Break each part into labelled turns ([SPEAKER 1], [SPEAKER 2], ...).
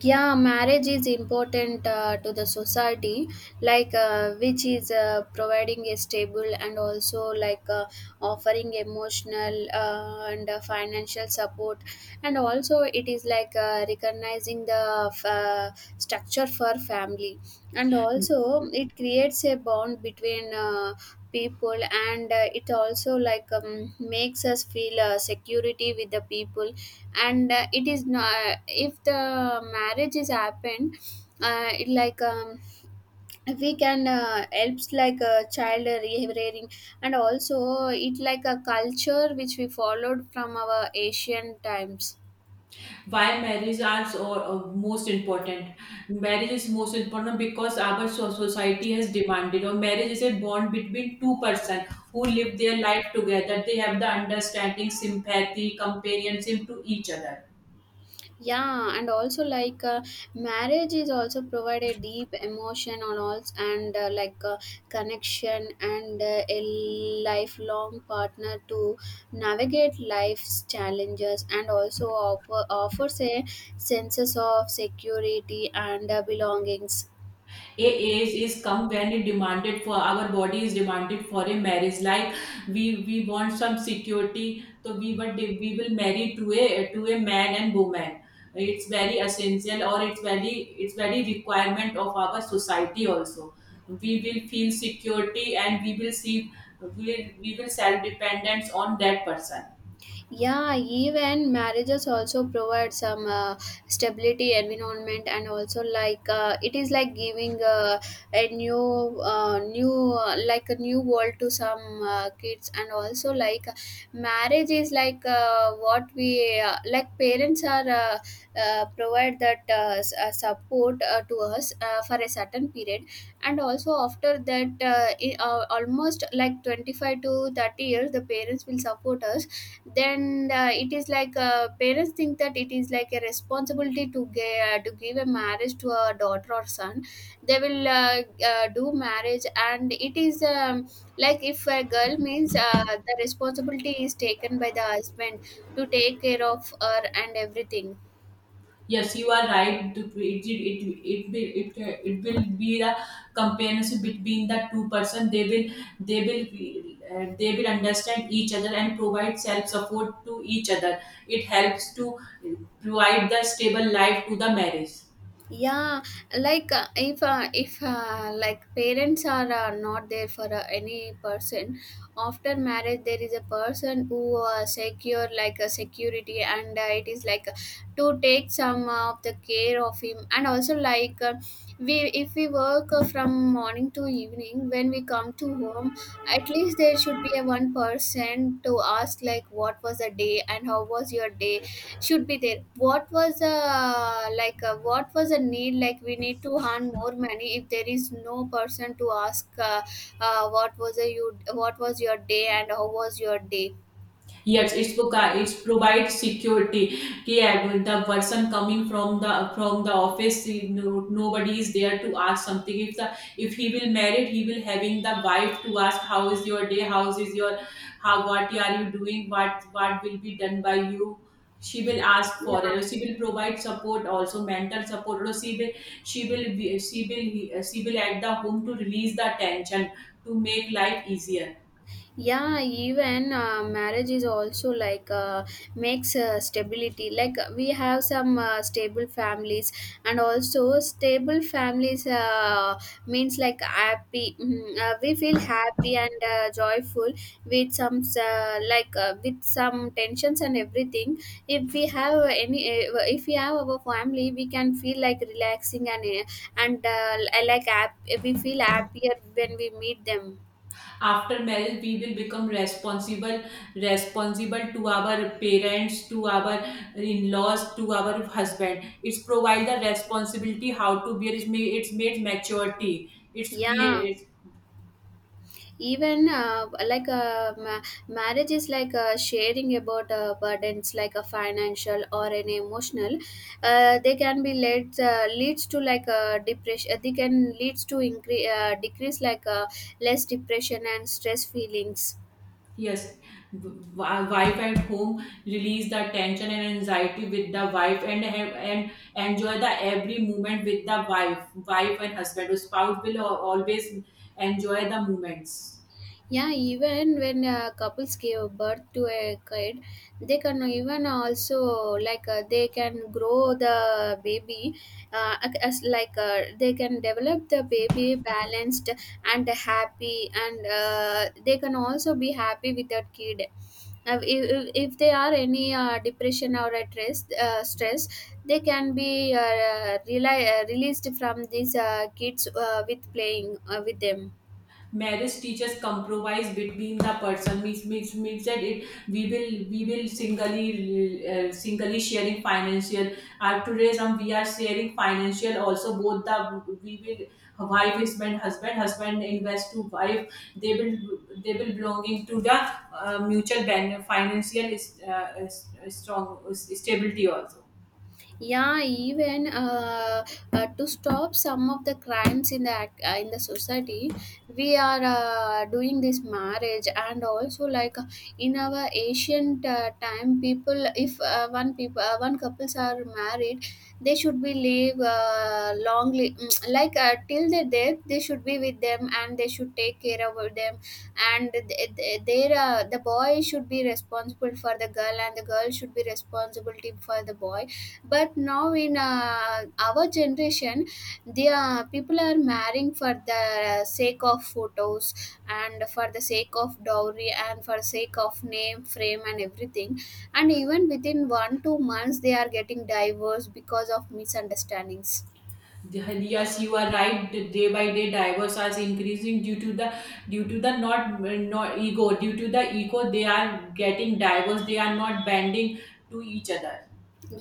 [SPEAKER 1] Yeah, marriage is important to the society. Like, which is providing a stable, and also like, offering emotional and financial support, and also it is like, recognizing the, structure for family. And also it creates a bond between people. And it also, like, makes us feel security with the people. And it is not if the marriage is happened, it like, we can helps like a child rearing, and also it like a culture which we followed from our Asian times.
[SPEAKER 2] Why marriage are so, most important? Marriage is most important because our society has demanded, or marriage is a bond between two persons who live their life together. They have the understanding, sympathy, companionship to each other.
[SPEAKER 1] Yeah, and also like, marriage is also provide a deep emotion on all, and like, connection, and a lifelong partner to navigate life's challenges, and also offers a senses of security and belongings.
[SPEAKER 2] A age is come when it demanded, for our body is demanded for a marriage, like we want some security, so we, but we will marry to a, to a man and woman. It's very essential, or it's very, it's very requirement of our society also. We will feel security and we will see, we will self dependence on that person.
[SPEAKER 1] Yeah, even marriages also provide some stability environment, and also like, it is like giving a new, like a new world to some kids, and also like marriage is like, what we, like parents are, provide that, support to us for a certain period, and also after that almost like 25 to 30 years the parents will support us. Then it is like, parents think that it is like a responsibility to give a marriage to a daughter or son. They will do marriage, and it is, like if a girl means, the responsibility is taken by the husband to take care of her and everything.
[SPEAKER 2] Yes, you are right. It will be the companionship between the two person. They will, they will understand each other and provide self support to each other. It helps to provide the stable life to the marriage.
[SPEAKER 1] Yeah, like, if like parents are not there for any person, after marriage there is a person who secure like a security, and it is like, to take some of the care of him, and also like, we if we work from morning to evening, when we come to home at least there should be a one person to ask like what was the day and how was your day, should be there. What was a, like, what was a need, like we need to earn more money if there is no person to ask, what was your day and how was your day?
[SPEAKER 2] Yes, it's provides security. Yeah, when the person coming from the office, you, nobody is there to ask something. If the, if he will married, he will having the wife to ask how is your day, how is your, how, what are you doing, what will be done by you. She will ask for
[SPEAKER 1] Yeah.
[SPEAKER 2] it. She will provide support, also mental support. Also, she will be, she will at the home to release the tension, to make life easier.
[SPEAKER 1] Yeah, even marriage is also like, makes stability, like we have some stable families, and also stable families, means like happy, we feel happy and joyful, with some, like, with some tensions and everything. If we have any uh, if we have our family, we can feel like relaxing, and and uh, like hap- we feel happier when we meet them.
[SPEAKER 2] After marriage we will become responsible, responsible to our parents, to our in-laws, to our husband. It's provide the responsibility how to bear. It's made maturity, it's
[SPEAKER 1] Yeah,
[SPEAKER 2] create.
[SPEAKER 1] even like, marriage is like, sharing about burdens, like a financial or an emotional, they can be led leads to like a depression, they can leads to increase decrease, like, less depression and stress feelings.
[SPEAKER 2] Yes, wife at home release the tension and anxiety with the wife, and enjoy the every moment with the wife, wife and husband. The spouse will always enjoy the moments.
[SPEAKER 1] Yeah, even when couples give birth to a kid, they can even also like, they can grow the baby, uh, as like, they can develop the baby balanced and happy, and they can also be happy with that kid. If they are any depression or a stress, they can be, released from these kids with playing with them.
[SPEAKER 2] Marriage teaches compromise between the person, means means that it, we will singly, singly sharing financial, today some we are sharing financial also, both, the we will, wife is, when husband invest to wife, they will, they will belonging to the, mutual financial is, strong stability also.
[SPEAKER 1] Yeah, even to stop some of the crimes in the society, we are doing this marriage, and also like in our ancient time people, if one couples are married, they should be live long. Like, till their death they should be with them, and they should take care of them, and they the boy should be responsible for the girl, and the girl should be responsible for the boy. But now in our generation, the people are marrying for the sake of photos, and for the sake of dowry, and for sake of name frame and everything, and even within 1 2 months they are getting divorced because of misunderstandings.
[SPEAKER 2] Yes, you are right. The, day by day, divorce are increasing due to the, due to the, not ego. Due to the ego, they are getting diverse. They are not bending to each other.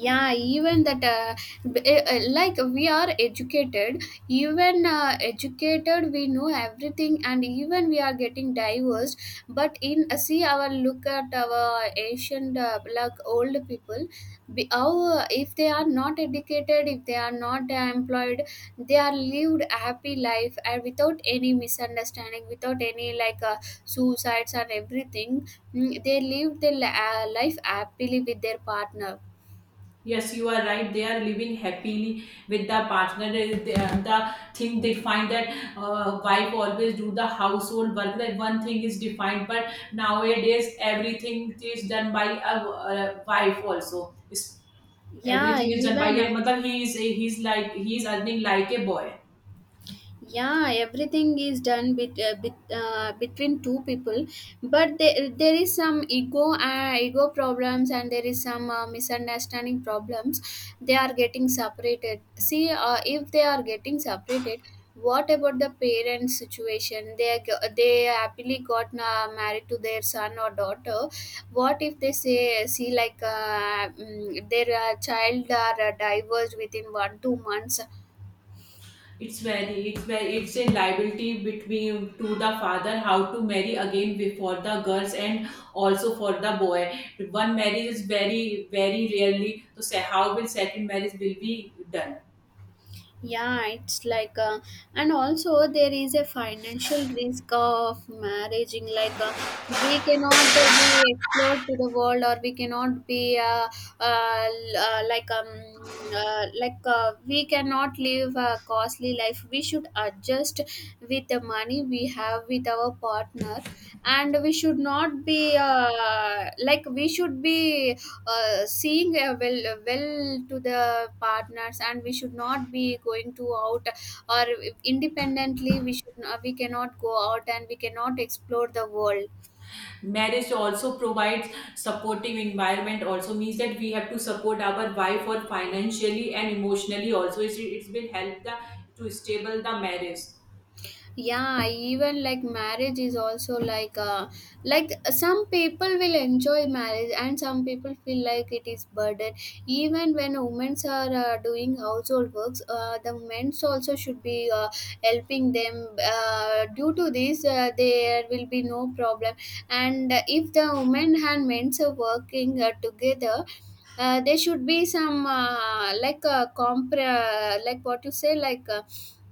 [SPEAKER 1] Yeah, even that, like we are educated, even educated we know everything, and even we are getting divorced. But in, see our, look at our ancient like old people, if they are not educated, if they are not employed, they are lived a happy life, and without any misunderstanding, without any like, suicides and everything. Mm, they lived their life happily with their partner.
[SPEAKER 2] Yes, you are right. They are living happily with the partner. The thing they find that, wife always do the household work. That one thing is defined, but nowadays everything is done by a, uh, wife also. It's,
[SPEAKER 1] Yeah,
[SPEAKER 2] everything is done by
[SPEAKER 1] even,
[SPEAKER 2] a mother. He is, he is earning like a boy.
[SPEAKER 1] yeah, everything is done between two people, but there is some ego problems, and there is some misunderstanding problems, they are getting separated. See, if they are getting separated, what about the parents situation? They happily got married to their son or daughter. What if they say, see, like, their child are divorced within 1 2 months?
[SPEAKER 2] It's very it's a liability between to the father, how to marry again for the girls and also for the boy. One marriage is very rarely to say how will second marriage will be done.
[SPEAKER 1] Yeah, it's like, and also there is a financial risk of marrying, like, we cannot be explored to the world, or we cannot be, like, like, we cannot live a costly life, we should adjust with the money we have with our partner, and we should not be, like we should be seeing well, well to the partners, and we should not be going to out, or independently, we should not, we cannot go out, and we cannot explore the world.
[SPEAKER 2] Marriage also provides supportive environment also, means that we have to support our wife, or financially and emotionally also. It's will help the, to stable the marriage
[SPEAKER 1] Yeah, even like marriage is also like, like some people will enjoy marriage, and some people feel like it is burden. Even when women are doing household works, the men's also should be helping them, due to this there will be no problem. And if the women and men's are working together, there should be some, like, like what you say, like, uh,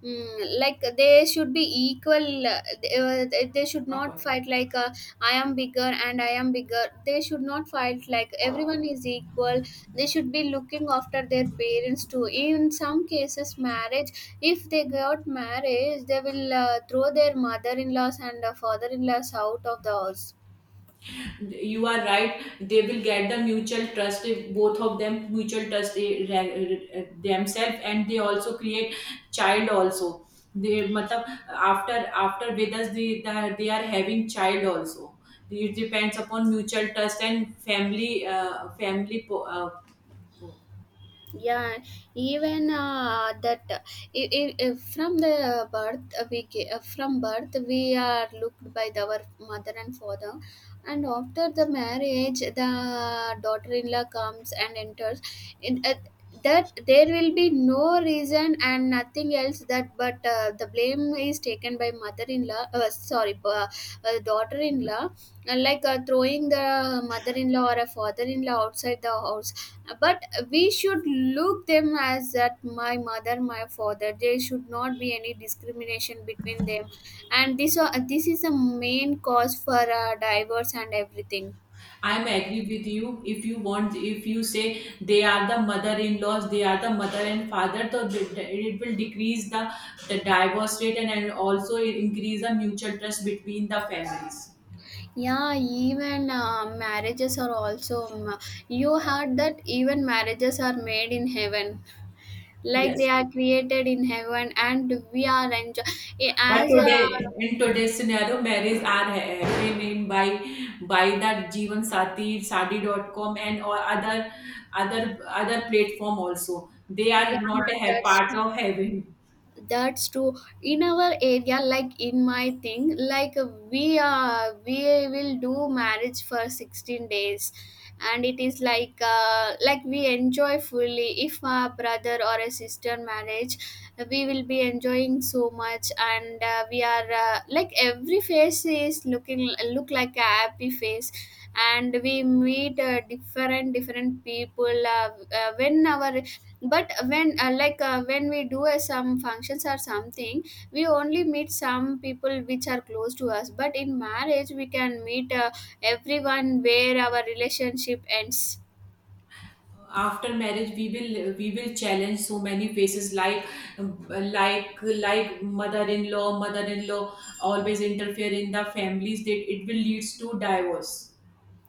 [SPEAKER 1] mm, like they should be equal, they should not
[SPEAKER 2] upon.
[SPEAKER 1] fight, like, I am bigger and I am bigger, they should not fight, like everyone is equal. They should be looking after their parents too. In some cases marriage, if they got marriage, they will throw their mother-in-laws and father-in-laws out of the house.
[SPEAKER 2] You are right, they will get the mutual trust. If both of them mutual trust, themselves, and they also create child also. They matlab, after with us, they, they are having child also. It depends upon mutual trust and family, family
[SPEAKER 1] Yeah, even that, from the birth, from birth we are looked by our mother and father. And after the marriage the daughter-in-law comes and enters in, that there will be no reason and nothing else that, but the blame is taken by mother-in-law, sorry, daughter-in-law, like, throwing the mother-in-law or a father-in-law outside the house. But we should look them as that my mother, my father, there should not be any discrimination between them. And this is the main cause for divorce and everything.
[SPEAKER 2] I'm agree with you. If you want, if you say they are the mother-in-laws, they are the mother and father, so it will decrease the divorce rate, and also increase the mutual trust between the families.
[SPEAKER 1] Yeah, even marriages are also, you heard that even marriages are made in heaven, like they
[SPEAKER 2] Yes.
[SPEAKER 1] are created in heaven and we are enjoy
[SPEAKER 2] But
[SPEAKER 1] as a.
[SPEAKER 2] today, in today's scenario, marriage are happening by the Jeevan Sati, Sadi.com and, or other, other platform also. They
[SPEAKER 1] Yeah,
[SPEAKER 2] are not a
[SPEAKER 1] that's
[SPEAKER 2] part
[SPEAKER 1] true.
[SPEAKER 2] of heaven.
[SPEAKER 1] That's true. In our area, like in my thing, like we will do marriage for 16 days, and it is like, like we enjoy fully. If a brother or a sister marriage, we will be enjoying so much, and we are, like every face is looking look like a happy face. And we meet different different people, when our, but when, like, when we do some functions or something, we only meet some people which are close to us, but in marriage we can meet everyone where our relationship ends.
[SPEAKER 2] After marriage we will challenge so many faces, like, like mother-in-law, mother-in-law always interfere in the families, that it will leads to divorce.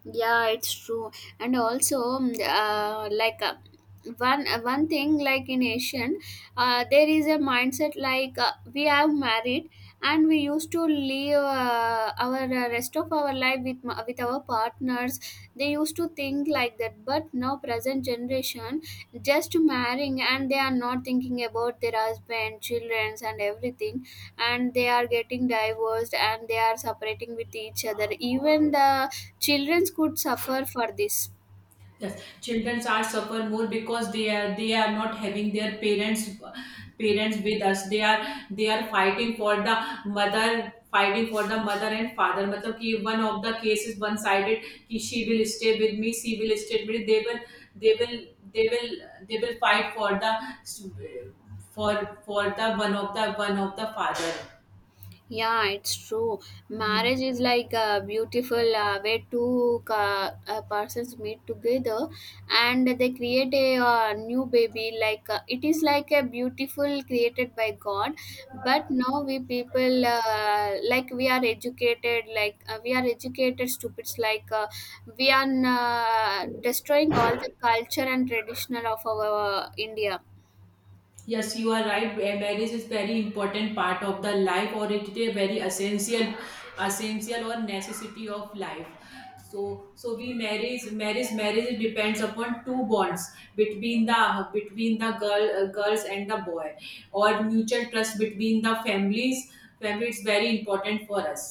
[SPEAKER 1] Yeah, it's true. And also, like, one thing, like in Asian, there is a mindset, like, we have married, and we used to live our rest of our life with our partners. They used to think like that, but now present generation just marrying, and they are not thinking about their husband, childrens, and everything, and they are getting divorced, and they are separating with each other, even the children could suffer for this.
[SPEAKER 2] Yes, children are suffer more because they are not having their parents, parents with us. They are, they are fighting for the mother, fighting for the mother and father. मतलब कि one of the cases, one sided, कि she will stay with me, she will stay with me. They will they will they will, they will fight for the, for for the one of the, one of the father.
[SPEAKER 1] Yeah, it's true. Marriage is like a beautiful way two persons meet together, and they create a new baby. Like, it is like a beautiful created by God. But now we people, like we are educated, like, we are educated stupids. Like, we are destroying all the culture and traditional of our India.
[SPEAKER 2] Yes, you are right. Eh, marriage is very important part of the life, or it is a very essential, essential or necessity of life. So, so we marriage depends upon two bonds between the, between the girl, girls and the boy, or mutual trust between the families. Family is very important for us.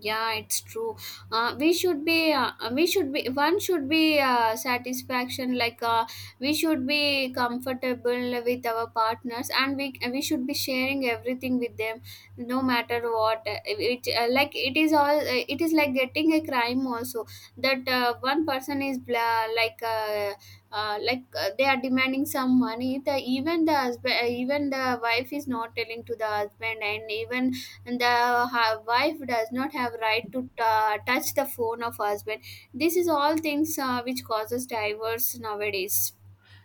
[SPEAKER 1] Yeah, it's true. We should be One should be satisfaction, like, we should be comfortable with our partners, and we should be sharing everything with them, no matter what. It Like it is all, it is like getting a crime also, that one person is, like, like, they are demanding some money, the even the husband, even the wife is not telling to the husband and even, and the wife does not have right to ta touch the phone of husband. This is all things which causes divorce nowadays.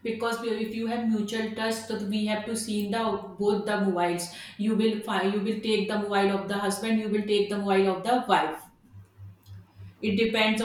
[SPEAKER 2] Because if you have mutual trust, so we have to see the, both the mobiles. You will find, you will take the mobile of the husband, you will take the mobile of the wife. It depends